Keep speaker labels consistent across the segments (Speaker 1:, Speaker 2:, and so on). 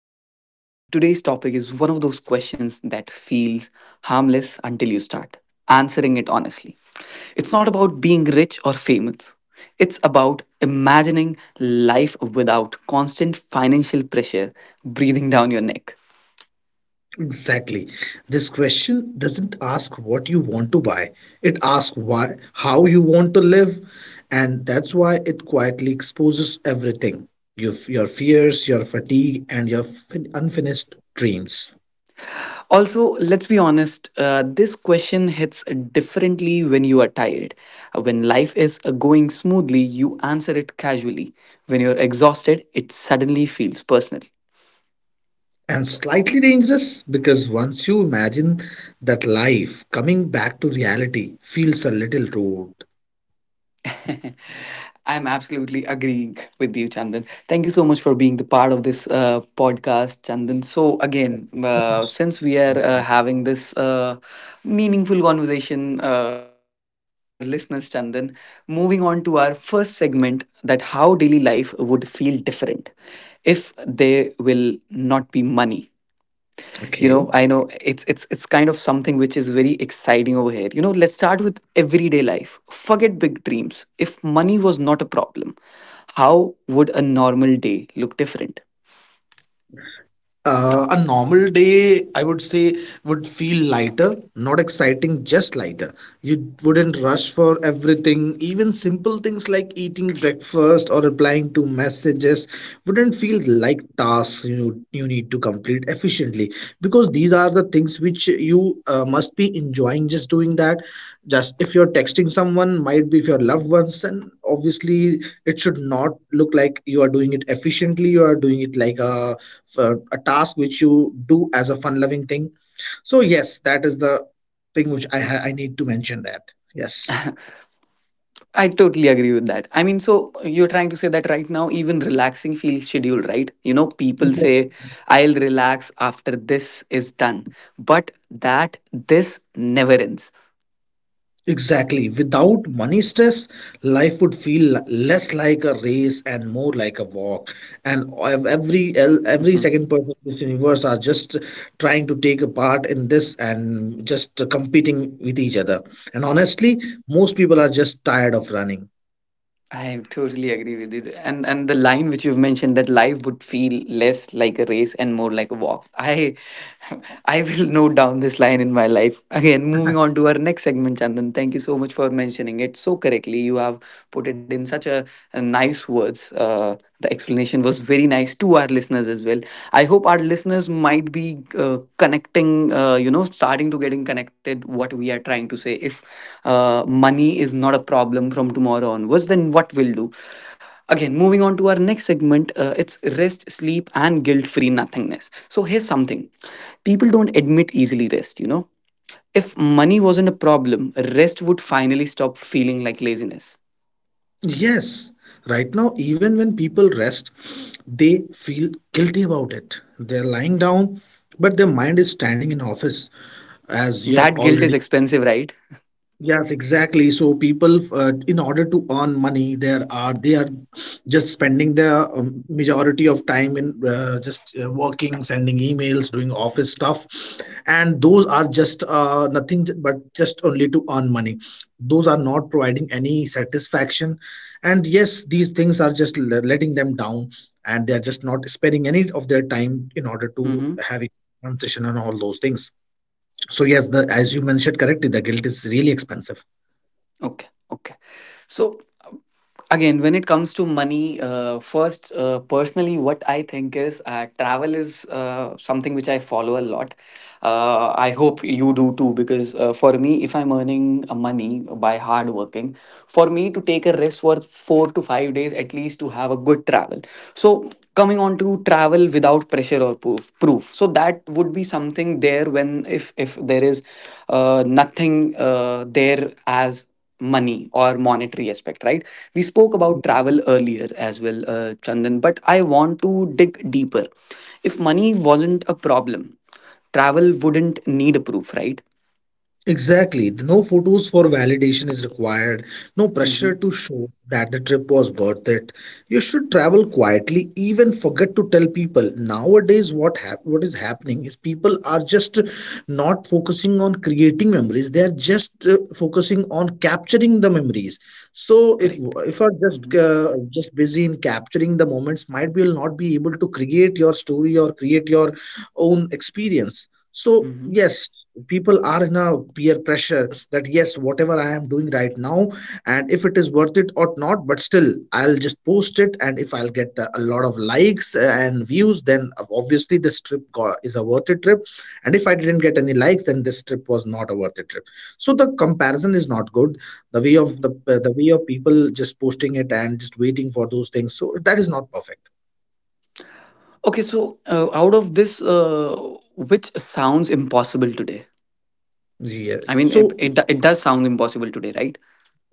Speaker 1: I'm Ankit, and today's topic is one of those questions that feels harmless until you start answering it honestly. It's not about being rich or famous, it's about imagining life without constant financial pressure breathing down your neck.
Speaker 2: Exactly. This question doesn't ask what you want to buy. It asks why how you want to live, and that's why it quietly exposes everything. Your fears, your fatigue, and your unfinished dreams.
Speaker 1: Also, let's be honest, this question hits differently when you are tired. When life is going smoothly, you answer it casually. When you're exhausted, it suddenly feels personal.
Speaker 2: And slightly dangerous, because once you imagine that life, coming back to reality feels a little rude.
Speaker 1: I'm absolutely agreeing with you, Chandan. Thank you so much for being the part of this podcast, Chandan. So again, since we are having this meaningful conversation for our listeners, Chandan, moving on to our first segment, that how daily life would feel different if there will not be money. You know,
Speaker 2: Okay.
Speaker 1: I know it's kind of something which is very exciting over here. You know, let's start with everyday life. Forget big dreams. If money was not a problem, how would a normal day look different?
Speaker 2: A normal day, I would say, would feel lighter, not exciting, just lighter. You wouldn't rush for everything. Even simple things like eating breakfast or replying to messages wouldn't feel like tasks you need to complete efficiently, because these are the things which you must be enjoying just doing that. Just if you're texting someone, might be with your loved ones, and obviously it should not look like you are doing it efficiently. You are doing it like a task which you do as a fun loving thing. So yes, that is the thing which I need to mention, that yes.
Speaker 1: I totally agree with that. I mean, so you're trying to say that right now even relaxing feels scheduled, right? You know, people say I'll relax after this is done, but that this never ends.
Speaker 2: Exactly. Without money stress, life would feel less like a race and more like a walk. And every second person in this universe are just trying to take a part in this and just competing with each other. And honestly, most people are just tired of running.
Speaker 1: I totally agree with you. And the line which you've mentioned that life would feel less like a race and more like a walk. I I will note down this line in my life. Again, moving on to our next segment, Chandan. Thank you so much for mentioning it so correctly. You have put it in such a nice words. The explanation was very nice to our listeners as well. I hope our listeners might be connecting, you know, starting to getting connected what we are trying to say if money is not a problem from tomorrow onwards, then what we'll do. Again, moving on to our next segment. It's rest, sleep and guilt free nothingness. So here's something people don't admit easily, rest. You know, if money wasn't a problem, rest would finally stop feeling like laziness.
Speaker 2: Yes, right now, even when people rest, they feel guilty about it. They're lying down, but their mind is standing in office, as you're
Speaker 1: That guilt
Speaker 2: already.
Speaker 1: is expensive, right?
Speaker 2: Yes, exactly. So people, in order to earn money, there are they are just spending their majority of time in, just working, sending emails, doing office stuff, and those are just nothing but just only to earn money. Those are not providing any satisfaction, and yes, these things are just letting them down, and they are just not spending any of their time in order to
Speaker 1: Mm-hmm.
Speaker 2: having transition and all those things. So yes, the as you mentioned correctly, the guilt is really expensive.
Speaker 1: Okay, okay. So, um, again, when it comes to money, first, personally, what I think is travel is something which I follow a lot. I hope you do too, because for me, if I'm earning money by hard working, for me to take a rest for 4 to 5 days at least to have a good travel. So, coming on to travel without pressure or proof. So that would be something there when if there is nothing there as money or monetary aspect, right? We spoke about travel earlier as well, Chandan, but I want to dig deeper. If money wasn't a problem, travel wouldn't need a proof, right?
Speaker 2: Exactly. No photos for validation is required. No pressure
Speaker 1: Mm-hmm.
Speaker 2: to show that the trip was worth it. You should travel quietly, even forget to tell people. Nowadays, what is happening is people are just not focusing on creating memories. They are just focusing on capturing the memories. So if
Speaker 1: Correct.
Speaker 2: if are just
Speaker 1: Mm-hmm.
Speaker 2: uh, just busy in capturing the moments, might be will not be able to create your story or create your own experience. So
Speaker 1: Mm-hmm.
Speaker 2: yes, people are in a peer pressure, that yes, whatever I am doing right now, and if it is worth it or not, but still I'll just post it. And if I'll get a lot of likes and views, then obviously this trip is a worth it trip. And if I didn't get any likes, then this trip was not a worth it trip. So the comparison is not good,
Speaker 1: Mm-hmm.
Speaker 2: the way of people just posting it and just waiting for those things. So that is not perfect.
Speaker 1: Okay, so out of this, which sounds impossible today?
Speaker 2: Yeah,
Speaker 1: I mean, it,
Speaker 2: so
Speaker 1: it, do- it does sound impossible today, right?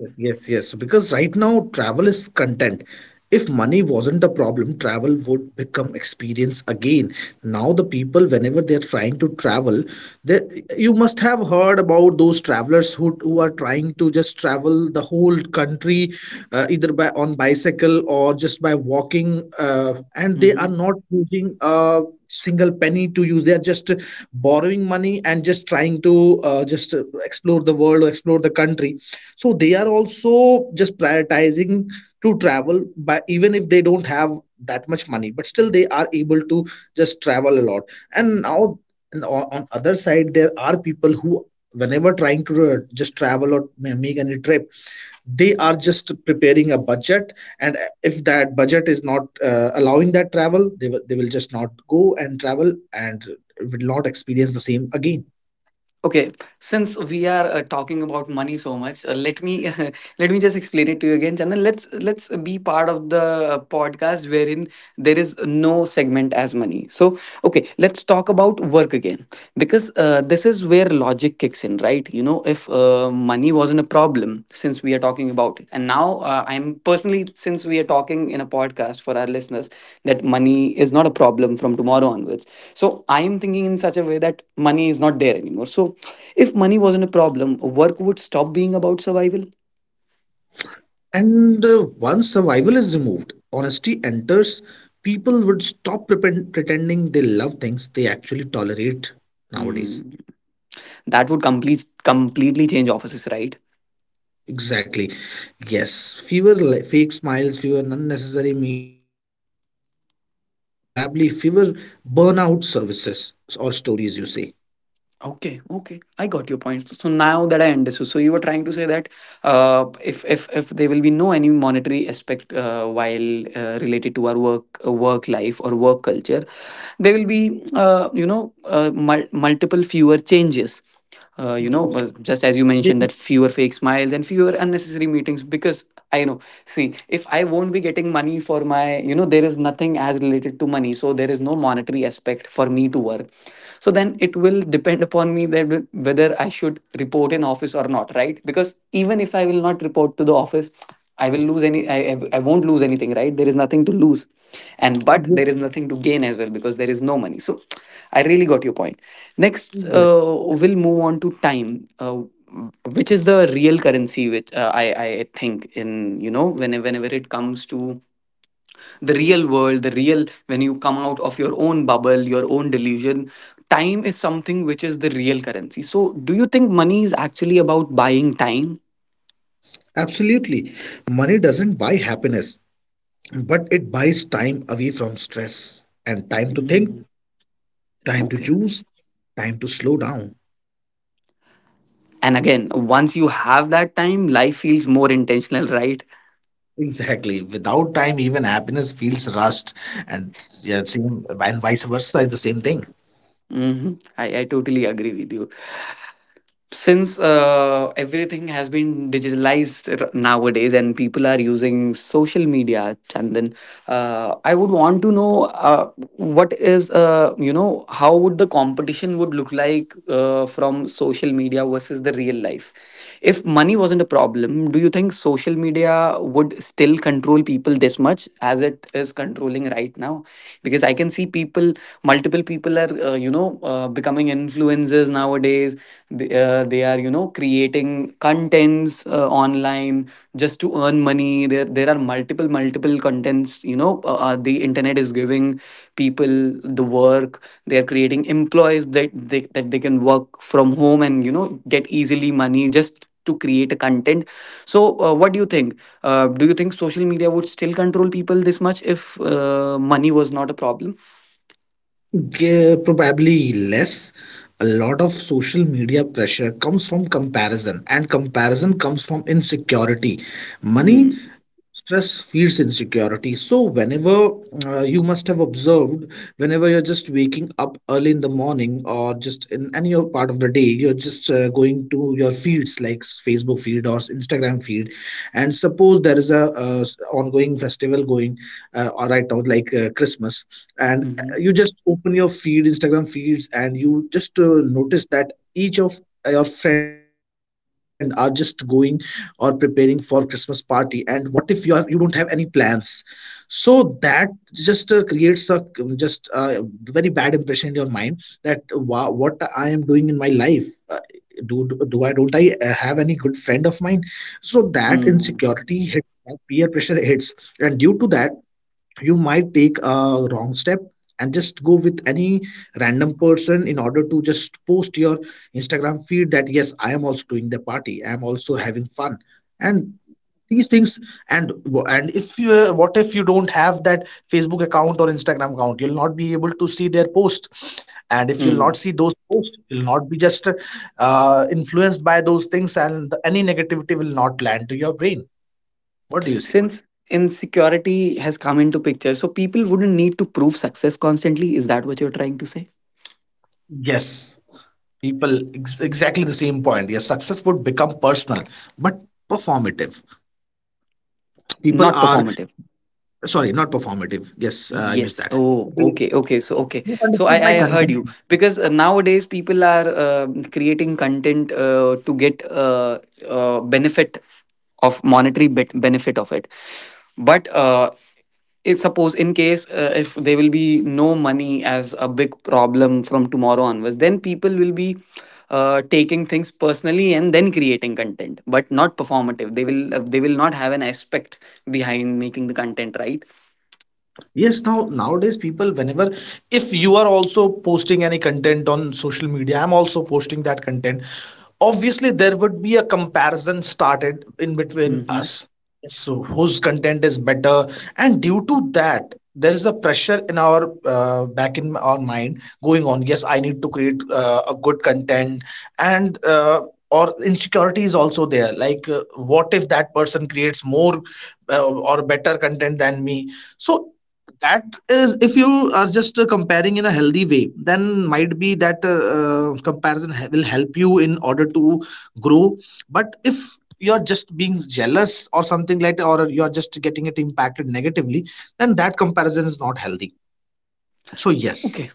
Speaker 2: yes, yes, yes. Because right now, travel is content. If money wasn't a problem, travel would become experience again. Now, the people, whenever they're trying to travel, they, you must have heard about those travelers who are trying to just travel the whole country, either by on bicycle or just by walking, and they are
Speaker 1: Mm-hmm.
Speaker 2: not using a single penny to use. They are just borrowing money and just trying to just explore the world or explore the country. So they are also just prioritizing to travel, by even if they don't have that much money, but still they are able to just travel a lot. And now, on other side, there are people who, whenever trying to just travel or make any trip, they are just preparing a budget. And if that budget is not allowing that travel, they will just not go and travel, and will not experience the same again.
Speaker 1: Okay, since we are talking about money so much, let me let me just explain it to you again, Chandan. Let's be part of the podcast wherein there is no segment as money. So okay, let's talk about work again because this is where logic kicks in, right? You know, if money wasn't a problem since we are talking about it, and now I'm personally, since we are talking in a podcast for our listeners, that money is not a problem from tomorrow onwards. So I'm thinking in such a way that money is not there anymore. So if money wasn't a problem, work would stop being about survival.
Speaker 2: And once survival is removed, honesty enters. People would stop pretending they love things they actually tolerate nowadays.
Speaker 1: Hmm. That would completely change offices, right?
Speaker 2: Exactly. Yes, fewer fake smiles, fewer unnecessary meetings, and probably fewer burnout services or stories, you say.
Speaker 1: Okay, okay, I got your point. So now that I understood, so you were trying to say that if there will be no any monetary aspect while related to our work, work life or work culture, there will be you know multiple fewer changes, you know
Speaker 2: Yes,
Speaker 1: just as you
Speaker 2: they,
Speaker 1: mentioned that fewer fake smiles and fewer unnecessary meetings because I know. See, if I won't be getting money for my, you know, there is nothing as related to money, so there is no monetary aspect for me to work. So then it will depend upon me that whether I should report in office or not, right? Because even if I will not report to the office, I won't lose anything, right? There is nothing to lose. And but
Speaker 2: yes,
Speaker 1: there is nothing to gain as well because there is no money. So I really got your point. Next,
Speaker 2: yes.
Speaker 1: we'll move on to time, which is the real currency. Which I think in, you know, when whenever it comes to the real world, the real when you come out of your own bubble, your own delusion, time is something which is the real currency. So, do you think money is actually about buying time?
Speaker 2: Absolutely. Money doesn't buy happiness, but it buys time away from stress, and time to think,
Speaker 1: Mm,
Speaker 2: time to
Speaker 1: okay.
Speaker 2: choose, time to slow down.
Speaker 1: And again, once you have that time, life feels more intentional, right?
Speaker 2: Exactly. Without time, even happiness feels rushed, and yeah, same and vice versa is the same thing.
Speaker 1: Hmm. I totally agree with you. Since everything has been digitalized nowadays and people are using social media, Chandan, I would want to know what is, you know, how would the competition would look like from social media versus the real life. If money wasn't a problem, do you think social media would still control people this much as it is controlling right now? Because I can see people, multiple people are, you know, becoming influencers nowadays. They are, you know, creating contents online just to earn money. There are multiple, multiple contents, you know, the internet is giving people the work, they are creating employees that they can work from home and you know get easily money just to create content. So what do you think? Do you think social media would still control people this much if money was not a problem?
Speaker 2: Probably less. A lot of social media pressure comes from comparison, and comparison comes from insecurity. Money
Speaker 1: Mm,
Speaker 2: stress feeds insecurity. So whenever, you must have observed, whenever you're just waking up early in the morning or just in any part of the day, you're just going to your feeds like Facebook feed or Instagram feed. And suppose there is a ongoing festival going, or right now, like, Christmas business, and
Speaker 1: mhm,
Speaker 2: you just open your feed, Instagram feeds, and you just notice that each of your friend are just going or preparing for Christmas party. And what if you don't have any plans. So that just creates a, just, very bad impression in your mind, that wow, what I am doing in my life. Uh, do, do do I, don't I, have any good friend of mine? So that
Speaker 1: mm,
Speaker 2: insecurity hits, that peer pressure hits, and due to that, you might take a wrong step and just go with any random person in order to just post your Instagram feed, that yes, I am also doing the party, I am also having fun, and these things. And and if you what if you don't have that Facebook account or Instagram account, you'll not be able to see their post. And if you'll not
Speaker 1: mm.
Speaker 2: see those posts, you'll not be just influenced by those things, and any negativity will not land to your brain. What do you say?
Speaker 1: Since insecurity has come into picture, so people wouldn't need to prove success constantly. Is that what you're trying to say?
Speaker 2: Yes, people exactly the same point. Yes, success would become personal, but performative, people
Speaker 1: Not
Speaker 2: are,
Speaker 1: performative.
Speaker 2: sorry, not performative. Yes, I missed
Speaker 1: Yes.
Speaker 2: that.
Speaker 1: Oh, okay, okay. So, okay.
Speaker 2: You
Speaker 1: So, I
Speaker 2: understood my
Speaker 1: I heard
Speaker 2: content.
Speaker 1: you because nowadays people are creating content to get benefit of monetary benefit of it. But if suppose in case if there will be no money as a big problem from tomorrow onwards, then people will be taking things personally and then creating content, but not performative. They will not have an aspect behind making the content, right?
Speaker 2: Yes, now nowadays people, whenever, if you are also posting any content on social media, I'm also posting that content. Obviously, there would be a comparison started in between
Speaker 1: Mm-hmm.
Speaker 2: us. Yes, so whose content is better? And due to that, there is a pressure in our back in our mind going on. Yes, I need to create a good content. And or insecurity is also there. Like, what if that person creates more or better content than me? So that is, if you are just comparing in a healthy way, then might be that comparison will help you in order to grow. But if you're just being jealous or something like that, or you're just getting it impacted negatively, then that comparison is not healthy. So yes.
Speaker 1: Okay.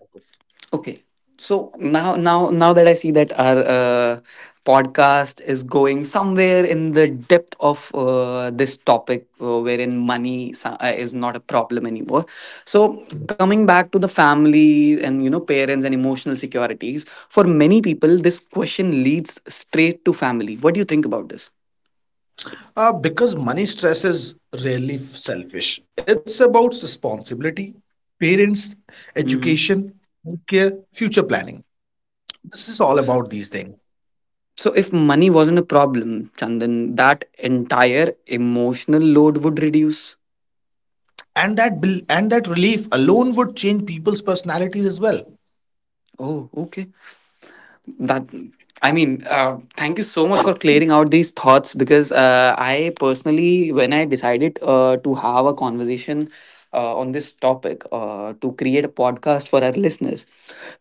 Speaker 1: Okay. So now that I see that our podcast is going somewhere in the depth of this topic, wherein money is not a problem anymore. So coming back to the family and you know parents and emotional securities, for many people, this question leads straight to family. What do you think about this?
Speaker 2: Because money stress is really selfish, it's about responsibility, parents, education,
Speaker 1: Hmm.
Speaker 2: care, future planning. This is all about these things.
Speaker 1: So if money wasn't a problem, Chandan, that entire emotional load would reduce.
Speaker 2: And that relief alone would change people's personalities as well.
Speaker 1: Oh, okay. That, I mean, thank you so much for clearing out these thoughts, because I personally, when I decided to have a conversation on this topic to create a podcast for our listeners,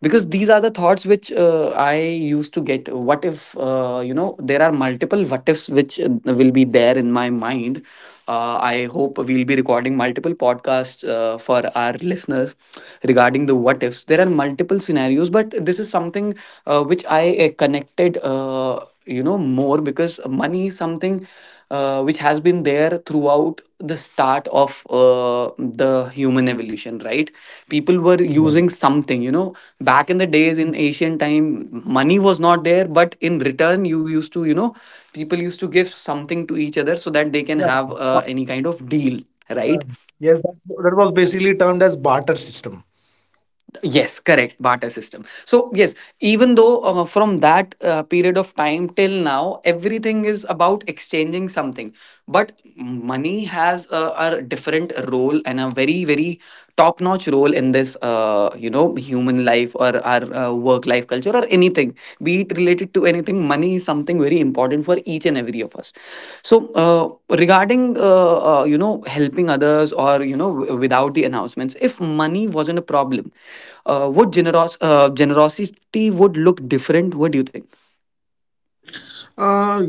Speaker 1: because these are the thoughts which I used to get. What if, you know, there are multiple what ifs which will be there in my mind. I hope we'll be recording multiple podcasts for our listeners regarding the what ifs. There are multiple scenarios, but this is something which I connected, you know, more, because money is something which has been there throughout the start of the human evolution, right? People were
Speaker 2: Yeah.
Speaker 1: using something, you know, back in the days in ancient time, money was not there, but in return, you used to, you know, people used to give something to each other so that they can have any kind of deal,
Speaker 2: Uh,
Speaker 1: right?
Speaker 2: yes, that was basically termed as barter system.
Speaker 1: Yes, correct. Barter system. So, yes, even though from that period of time till now, everything is about exchanging something, but money has a different role and a very, very top notch role in this, you know, human life or our work life culture or anything, be it related to anything. Money is something very important for each and every of us. So, regarding you know helping others or you know without the announcements, if money wasn't a problem, would generosity would look different? What do you think?
Speaker 2: Uh,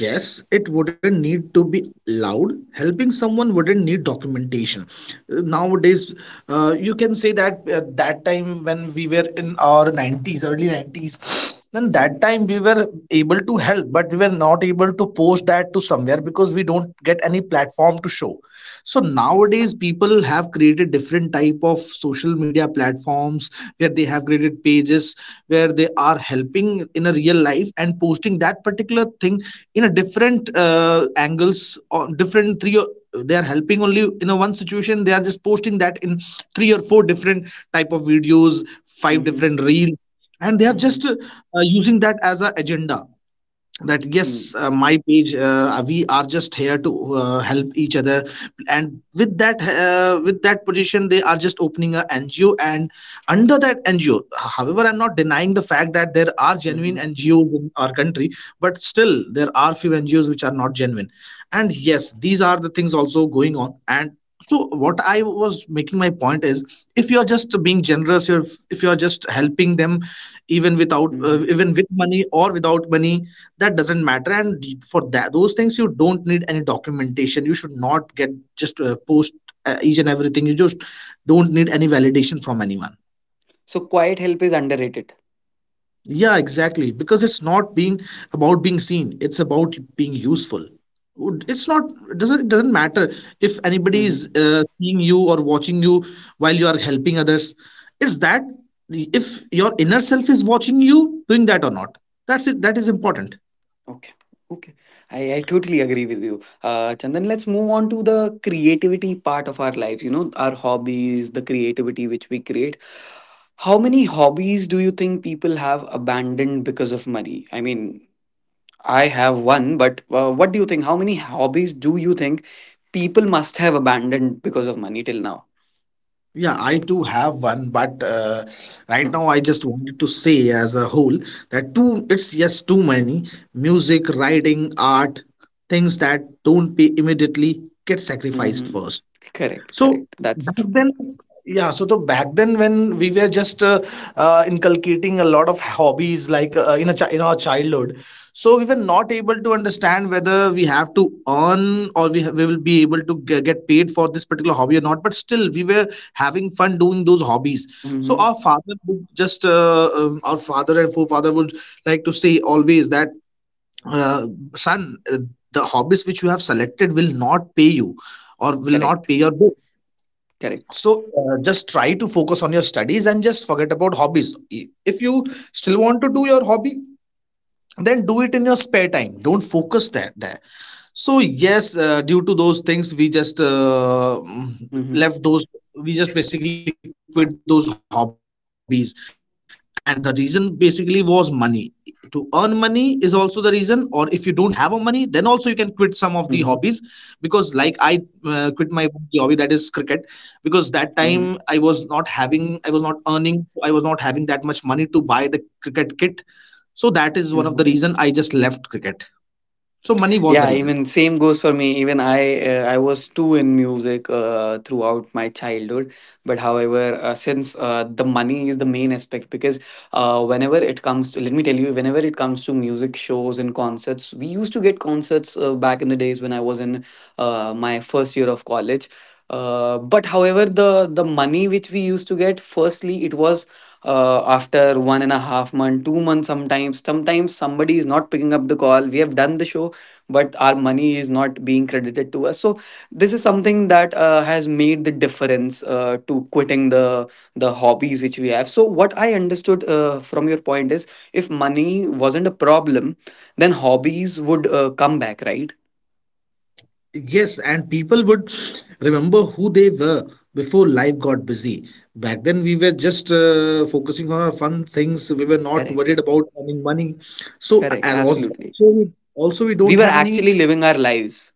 Speaker 2: yes, it wouldn't need to be loud. Helping someone wouldn't need documentation. Nowadays, you can say that, that time when we were in our 90s, early 90s, then that time we were able to help, but we were not able to post that to somewhere because we don't get any platform to show. So nowadays, people have created different type of social media platforms, where they have created pages, where they are helping in a real life and posting that particular thing in a different angles, or different three, or they are helping only in a one situation. They are just posting that in three or four different type of videos, five
Speaker 1: Mm-hmm.
Speaker 2: different reels, and they are
Speaker 1: Mm-hmm.
Speaker 2: just using that as a agenda, that
Speaker 1: Mm-hmm.
Speaker 2: yes, my page, we are just here to help each other. And with that position, they are just opening a NGO, and under that NGO, however, I'm not denying the fact that there are genuine
Speaker 1: Mm-hmm.
Speaker 2: NGOs in our country, but still there are few NGOs which are not genuine. And yes, these are the things also going on. And so what I was making my point is, if you're just being generous, you're if you're just helping them, even without,
Speaker 1: Mm-hmm.
Speaker 2: even with money or without money, that doesn't matter. And for that, those things, you don't need any documentation. You should not get just post each and everything. You just don't need any validation from anyone.
Speaker 1: So, quiet help is underrated.
Speaker 2: Yeah, exactly. Because it's not being about being seen, it's about being useful. Would- It's not it doesn't it doesn't matter if anybody
Speaker 1: Mm-hmm.
Speaker 2: is seeing you or watching you while you are helping others. It's that if your inner self is watching you doing that or not. That's it. That is important.
Speaker 1: Okay. Okay. I totally agree with you. Chandan, let's move on to the creativity part of our lives, you know, our hobbies, the creativity which we create. How many hobbies do you think people have abandoned because of money? I mean, I have one, but what do you think? How many hobbies do you think people must have abandoned because of money till now?
Speaker 2: Yeah, I too have one, but right
Speaker 1: Hmm.
Speaker 2: now I just wanted to say as a whole that too it's yes too many music, writing, art, things that don't pay immediately get sacrificed
Speaker 1: Mm-hmm.
Speaker 2: first.
Speaker 1: Correct,
Speaker 2: So
Speaker 1: correct. That's
Speaker 2: back
Speaker 1: true.
Speaker 2: then, yeah. So the back then when we were just inculcating a lot of hobbies like in a in our childhood, so we were not able to understand whether we have to earn or we we will be able to get paid for this particular hobby or not. But still, we were having fun doing those hobbies. So
Speaker 1: Mm-hmm.
Speaker 2: our father would just our father and forefather would like to say always that. Uh, Son, the hobbies which you have selected will not pay you or will not
Speaker 1: Correct,
Speaker 2: pay your bills,
Speaker 1: correct.
Speaker 2: so just try to focus on your studies and just forget about hobbies. If you still want to do your hobby, then do it in your spare time. Don't focus that there. So yes, due to those things, we just
Speaker 1: Mm-hmm.
Speaker 2: left those. We just basically quit those hobbies, and the reason basically was money. To earn money is also the reason, or if you don't have a money, then also you can quit some of the hobbies. Because like I
Speaker 1: Mm-hmm.
Speaker 2: quit my hobby that is cricket, because that time I was
Speaker 1: Mm-hmm.
Speaker 2: not earning, so I was not having that much money to buy the cricket kit. So that is one of the reason I just left
Speaker 1: Mm-hmm.
Speaker 2: cricket. So money was the reason.
Speaker 1: Yeah, even same goes for me. Even I was too in music throughout my childhood. But however, since the money is the main aspect, because whenever it comes to, let me tell you, whenever it comes to music shows and concerts, we used to get concerts back in the days when I was in my first year of college. But however, the money which we used to get, firstly, it was after 1.5 months, 2 months, sometimes, sometimes somebody is not picking up the call. We have done the show, but our money is not being credited to us, so this is something that has made the difference to quitting the hobbies which we have. So what I understood from your point is, if money wasn't a problem, then hobbies would come back, right?
Speaker 2: Yes, and people would remember who they were before life got busy. Back then, we were just focusing on our fun things. We were not worried
Speaker 1: Correct,
Speaker 2: about earning money. So,
Speaker 1: correct, absolutely.
Speaker 2: also we
Speaker 1: We
Speaker 2: don't
Speaker 1: were
Speaker 2: have any.
Speaker 1: actually living our lives.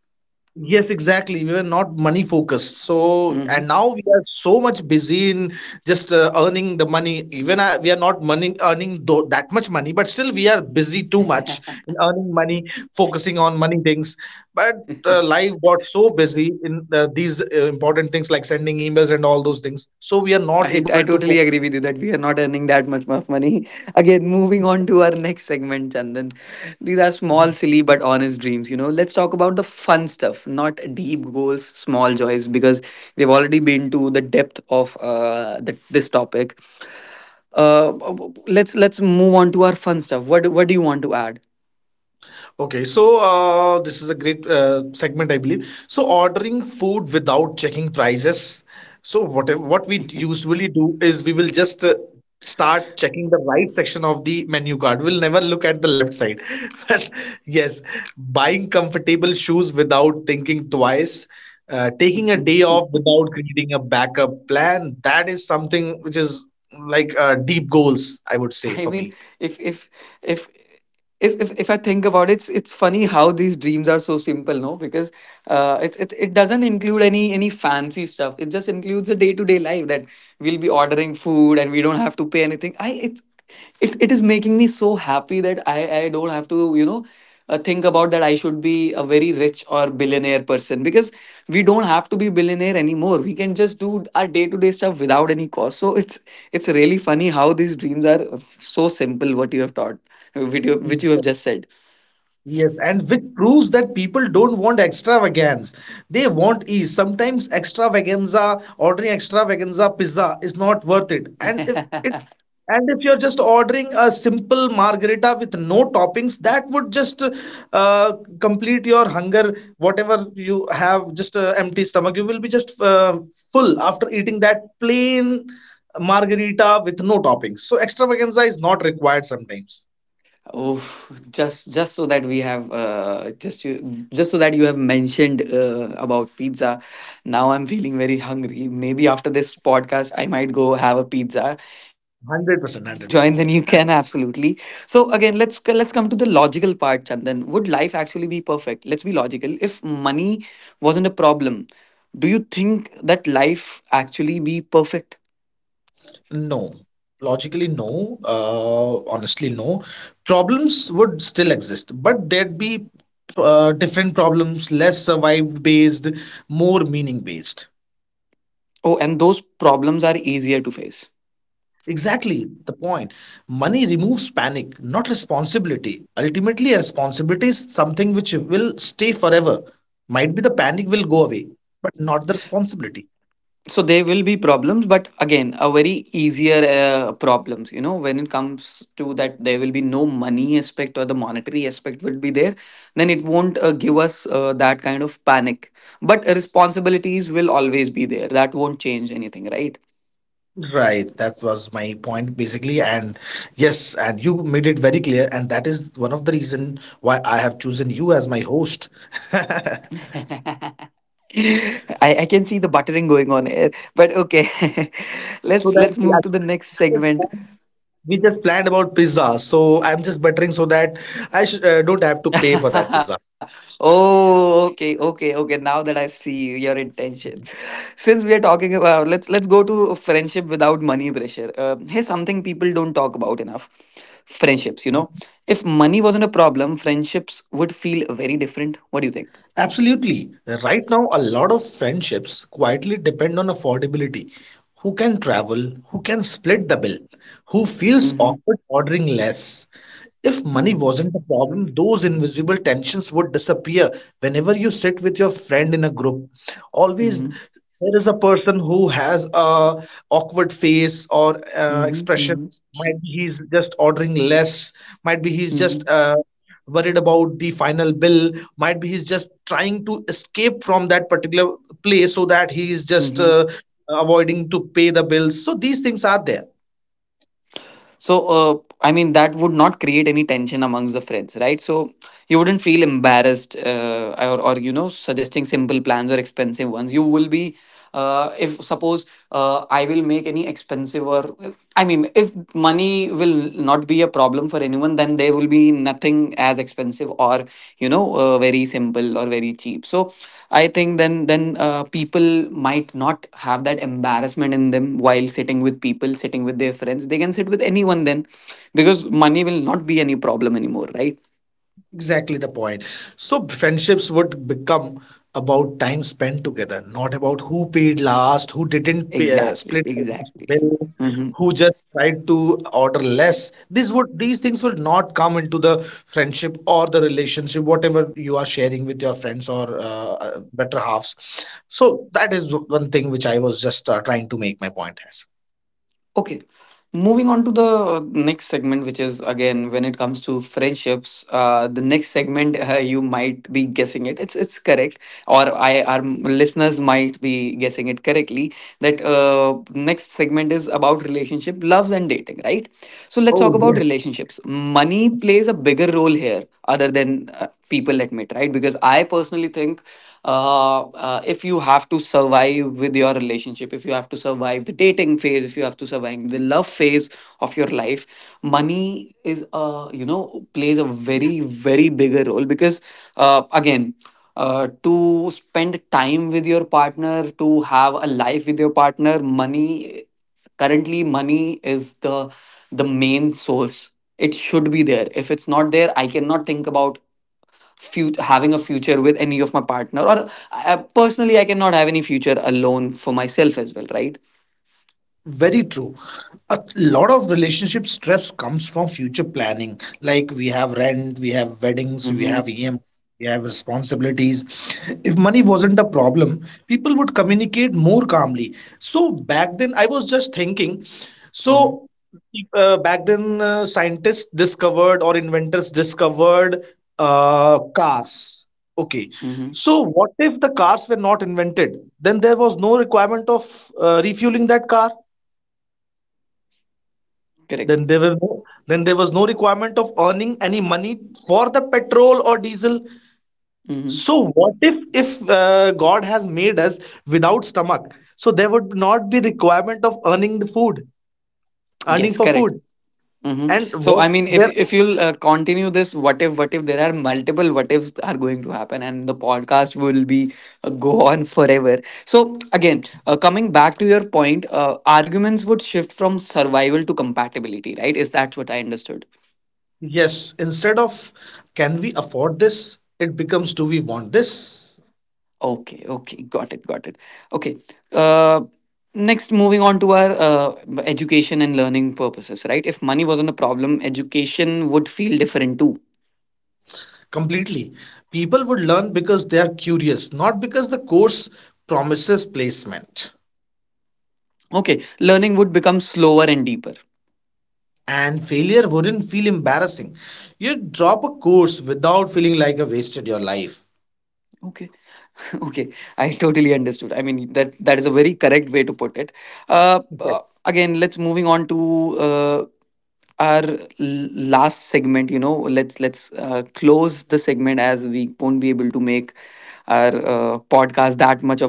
Speaker 2: Yes, exactly. We were not money focused. So, and
Speaker 1: Hmm.
Speaker 2: now we are so much busy in just earning the money. Even I, we are not money earning that much money, but still we are busy too much in earning money, focusing on money things. But life got so busy in these important things like sending emails and all those things. So we are not
Speaker 1: I,
Speaker 2: able
Speaker 1: I
Speaker 2: to
Speaker 1: totally
Speaker 2: focus.
Speaker 1: agree with you that we are not earning that much of money. Again, moving on to our next segment, Chandan. These are small, silly, but honest dreams. You know, let's talk about the fun stuff, not deep goals, small joys, because we've already been to the depth of this topic. Uh, let's move on to our fun stuff. What do you want to add?
Speaker 2: Okay, so this is a great segment, I believe. So ordering food without checking prices. So whatever what we usually do is we will just start checking the right section of the menu card. We'll never look at the left side. But yes, buying comfortable shoes without thinking twice. Taking a
Speaker 1: Mm-hmm.
Speaker 2: day off without creating a backup plan, that is something which is like deep goals, I would say,
Speaker 1: I
Speaker 2: for me.
Speaker 1: mean, if if if if I think about it, it's funny how these dreams are so simple, no? Because it, it doesn't include any fancy stuff. It just includes a day to day life that we'll be ordering food and we don't have to pay anything. I it's it, it is making me so happy that I don't have to. Think about that I should be a very rich or billionaire person, because we don't have to be billionaire anymore. We can just do our day to day stuff without any cost. So it's. It's really funny how these dreams are so simple. What you have taught, which you have just said.
Speaker 2: Yes, and which proves that people don't want extravagance. They want ease. Sometimes extravaganza, ordering extravaganza pizza is not worth it. It and if you're just ordering a simple margherita with no toppings, that would just complete your hunger. Whatever you have, just empty stomach, you will be just full after eating that plain margherita with no toppings. So extravaganza is not required sometimes.
Speaker 1: Oh, just so that we have just you, just so that you have mentioned about pizza. Now I'm feeling very hungry. Maybe after this podcast, I might go have a pizza. If you want
Speaker 2: 100%,
Speaker 1: to join,
Speaker 2: 100%.
Speaker 1: then you can absolutely. So again, let's come to the logical part, Chandan. Would life actually be perfect? Let's be logical. If money wasn't a problem, do you think that life actually be perfect?
Speaker 2: No, logically, no. Honestly, no. Problems would still exist, but there'd be different problems, less survive based, more meaning based.
Speaker 1: Oh, and those problems are easier to face.
Speaker 2: Exactly the point. Money removes panic, not responsibility. Ultimately, a responsibility is something which will stay forever. Might be the panic will go away, but not the responsibility.
Speaker 1: So there will be problems, but again a very easier problems, you know, when it comes to that, there will be no money aspect or the monetary aspect will be there, then it won't give us that kind of panic, but responsibilities will always be there. That won't change anything, right?
Speaker 2: Right, that was my point basically, and yes, and you made it very clear, and that is one of the reason why I have chosen you as my host.
Speaker 1: I can see the buttering going on here, but okay.
Speaker 2: So
Speaker 1: Let's
Speaker 2: that I
Speaker 1: move to the next
Speaker 2: just
Speaker 1: segment.
Speaker 2: planned- We just planned about pizza, so I'm just buttering so that I sh don't have to pay for that pizza.
Speaker 1: Oh, okay, okay, okay. Now that I see your intention, since we are talking about, let's go to friendship without money pressure. Here's something people don't talk about enough: friendships. You know, if money wasn't a problem, friendships would feel very different. What do you think?
Speaker 2: Absolutely. Right now, a lot of friendships quietly depend on affordability. Who can travel? Who can split the bill? Who feels awkward ordering
Speaker 1: Mm-hmm.
Speaker 2: less? If money wasn't a problem,
Speaker 1: Mm-hmm.
Speaker 2: those invisible tensions would disappear whenever you sit with your friend in a group. Always there
Speaker 1: Mm-hmm.
Speaker 2: is a person who has a awkward face or expression.
Speaker 1: Mm-hmm.
Speaker 2: Might be he's just ordering less. Might be he's just
Speaker 1: Mm-hmm.
Speaker 2: worried about the final bill. Might be he's just trying to escape from that particular place so that he is just
Speaker 1: Mm-hmm.
Speaker 2: avoiding to pay the bills. So these things are there.
Speaker 1: So, I mean, that would not create any tension amongst the friends, right? So, you wouldn't feel embarrassed or, you know, suggesting simple plans or expensive ones. You will be, if suppose I will make any expensive or, I mean, if money will not be a problem for anyone, then there will be nothing as expensive or, you know, very simple or very cheap. So, I think then people might not have that embarrassment in them while sitting with people, sitting with their friends. They can sit with anyone then, because money will not be any problem anymore, right?
Speaker 2: Exactly the point. So friendships would become about time spent together, not about who paid last, who didn't pay,
Speaker 1: Exactly,
Speaker 2: split the last
Speaker 1: exactly.
Speaker 2: bill,
Speaker 1: Mhm.
Speaker 2: who just tried to order less. This would These things will not come into the friendship or the relationship, whatever you are sharing with your friends or better halves. So that is one thing which I was just trying to make my point as.
Speaker 1: Okay. Moving on to the next segment, which is again when it comes to friendships, the next segment you might be guessing it. It's correct, or I our listeners might be guessing it correctly. That next segment is about relationship, loves and dating, right? So let's talk about relationships. Money plays a bigger role here, other than people admit, right? Because I personally think if you have to survive with your relationship, if you have to survive the dating phase, if you have to survive the love phase of your life, money is you know, plays a very, very bigger role, because again to spend time with your partner, to have a life with your partner, money, currently money is the main source. It should be there. If it's not there, I cannot think about having a future with any of my partner, or personally I cannot have any future alone for myself as well, right?
Speaker 2: Very true. A lot of relationship stress comes from future planning. Like we have rent, we have weddings, we have
Speaker 1: Mm-hmm.
Speaker 2: EM, we have responsibilities. If money wasn't a problem, people would communicate more calmly. So back then, I was just thinking.
Speaker 1: Mm-hmm.
Speaker 2: So back then, scientists discovered or inventors discovered cars. Okay.
Speaker 1: Mm-hmm.
Speaker 2: So what if the cars were not invented? Then there was no requirement of refueling that car,
Speaker 1: Correct.
Speaker 2: then there was no requirement of earning any money for the petrol or diesel.
Speaker 1: Mm-hmm.
Speaker 2: So what if God has made us without stomach? So there would not be requirement of earning the food, earning
Speaker 1: Yes,
Speaker 2: for
Speaker 1: correct.
Speaker 2: food.
Speaker 1: Mm-hmm.
Speaker 2: And
Speaker 1: So
Speaker 2: what
Speaker 1: I
Speaker 2: if
Speaker 1: mean,
Speaker 2: there?
Speaker 1: if you'll continue this what if, what if, there are multiple what ifs are going to happen and the podcast will be go on forever. So again, coming back to your point, arguments would shift from survival to compatibility, right? Is that what I understood?
Speaker 2: Yes, instead of can we afford this, it becomes do we want this
Speaker 1: Okay, okay, got it, got it. Okay, uh, next, moving on to our education and learning purposes, right? If money wasn't a problem, education would feel different too.
Speaker 2: completely? People would learn because they are curious, not because the course promises placement.
Speaker 1: Okay, learning would become slower and deeper.
Speaker 2: And failure wouldn't feel embarrassing. You'd drop a course without feeling like you wasted your life.
Speaker 1: Okay, okay, I totally understood. I mean, that that is a very correct way to put it.
Speaker 2: Okay.
Speaker 1: Again, let's moving on to last segment. You know, let's close the segment, as we won't be able to make our podcast that much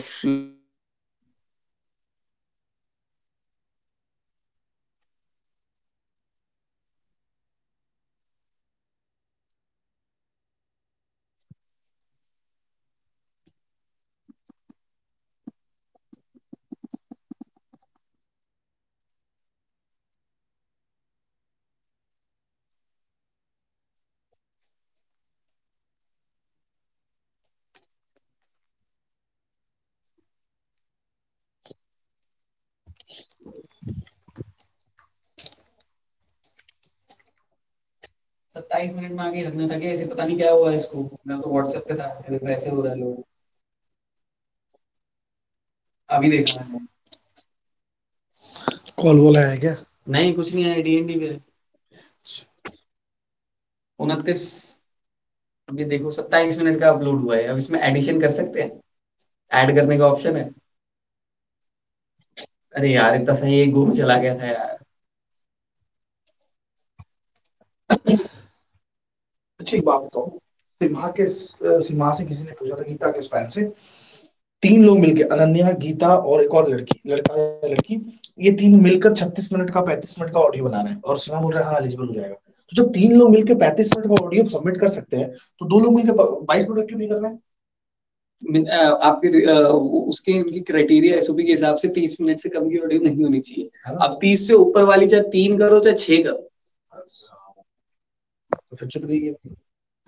Speaker 2: सत्ताईस minute में आगे रखना था क्या? ऐसे पता नहीं क्या हुआ इसको। मैं तो व्हाट्सएप पे था, मेरे को ऐसे हो रहा है लोग अभी देखा मैंने। है क्या? नहीं, कुछ नहीं है, डीएनडी पे। उनतीस। अभी देखो, सत्ताईस मिनट का अपलोड हुआ है। अब इसमें एडिशन कर सकते हैं? ऐड करने का ऑप्शन है? अरे यार, इतना सही है, गो में चला गया था यार। अच्छा, एक बात बताओ, सिम्हा के सिम्हा से किसी ने पूछा था गीता के फैन से। तीन लोग मिलके अनन्या, गीता और एक और लड़की, लड़का या लड़की, ये तीन मिलकर 36 मिनट का, 35 मिनट का ऑडियो बना रहे हैं और शिवम बोल रहा है हाँ एलिजिबल हो जाएगा। तो जब तीन लोग मिलके 35 मिनट का ऑडियो सबमिट कर सकते हैं, तो दो लोग मिलके ब 22 मिनट का क्यों नहीं कर रहे हैं? मिन अ, आपके अ, उ उसके उनकी क्राइटेरिया एसओपी के हिसाब से 30 मिनट से कम की ऑडियो नहीं होनी चाहिए। है ना? अब 30 से ऊपर वाली, चाहे 3 करो चाहे 6 करो। अच्छा। तो फिर चुप गई ये अपनी।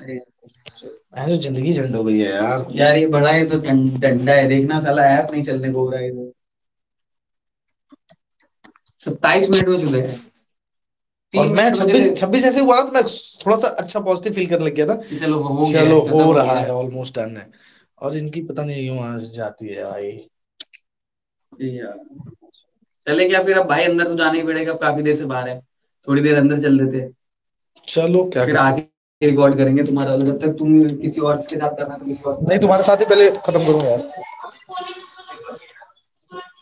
Speaker 2: भैंस की जिंदगी झंड हो गई है यार। यार ये बड़ा, ये तो डंडा है, देखना साला, ऐप नहीं चलने को हो रहा है इधर। 27 मिनट हो चुके हैं, तीन और मैं मिनट बचे, छब्बीस छब्बीस ऐसे हुआ ना, तो मैं थोड़ा सा अच्छा पॉजिटिव फील करने लग गया था थे। चलो हो गया, चलो खत्म हो रहा गया है, ऑलमोस्ट डन है। और इनकी पता नहीं क्यों आज जाती है भाई यार। चले क्या फिर? अब भाई अंदर तो जाना ही पड़ेगा, अब काफी देर से बाहर है। थोड़ी देर अंदर चल देते हैं। चलो, क्या फिर कर सकते आके रिकॉर्ड करेंगे तुम्हारा वाला। जब तक तुम किसी और के साथ करना है तो किसी और हैं। नहीं, तुम्हारे साथ ही पहले खत्म करूंगा यार।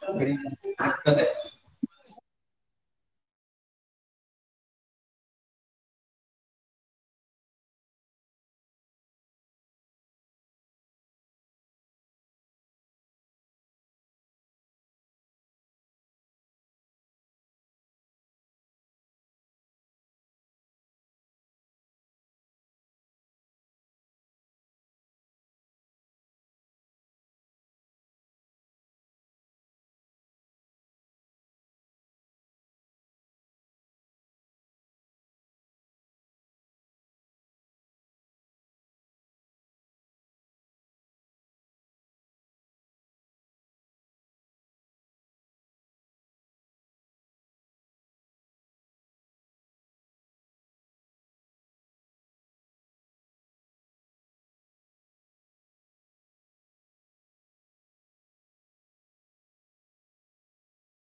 Speaker 2: दिक्कत है।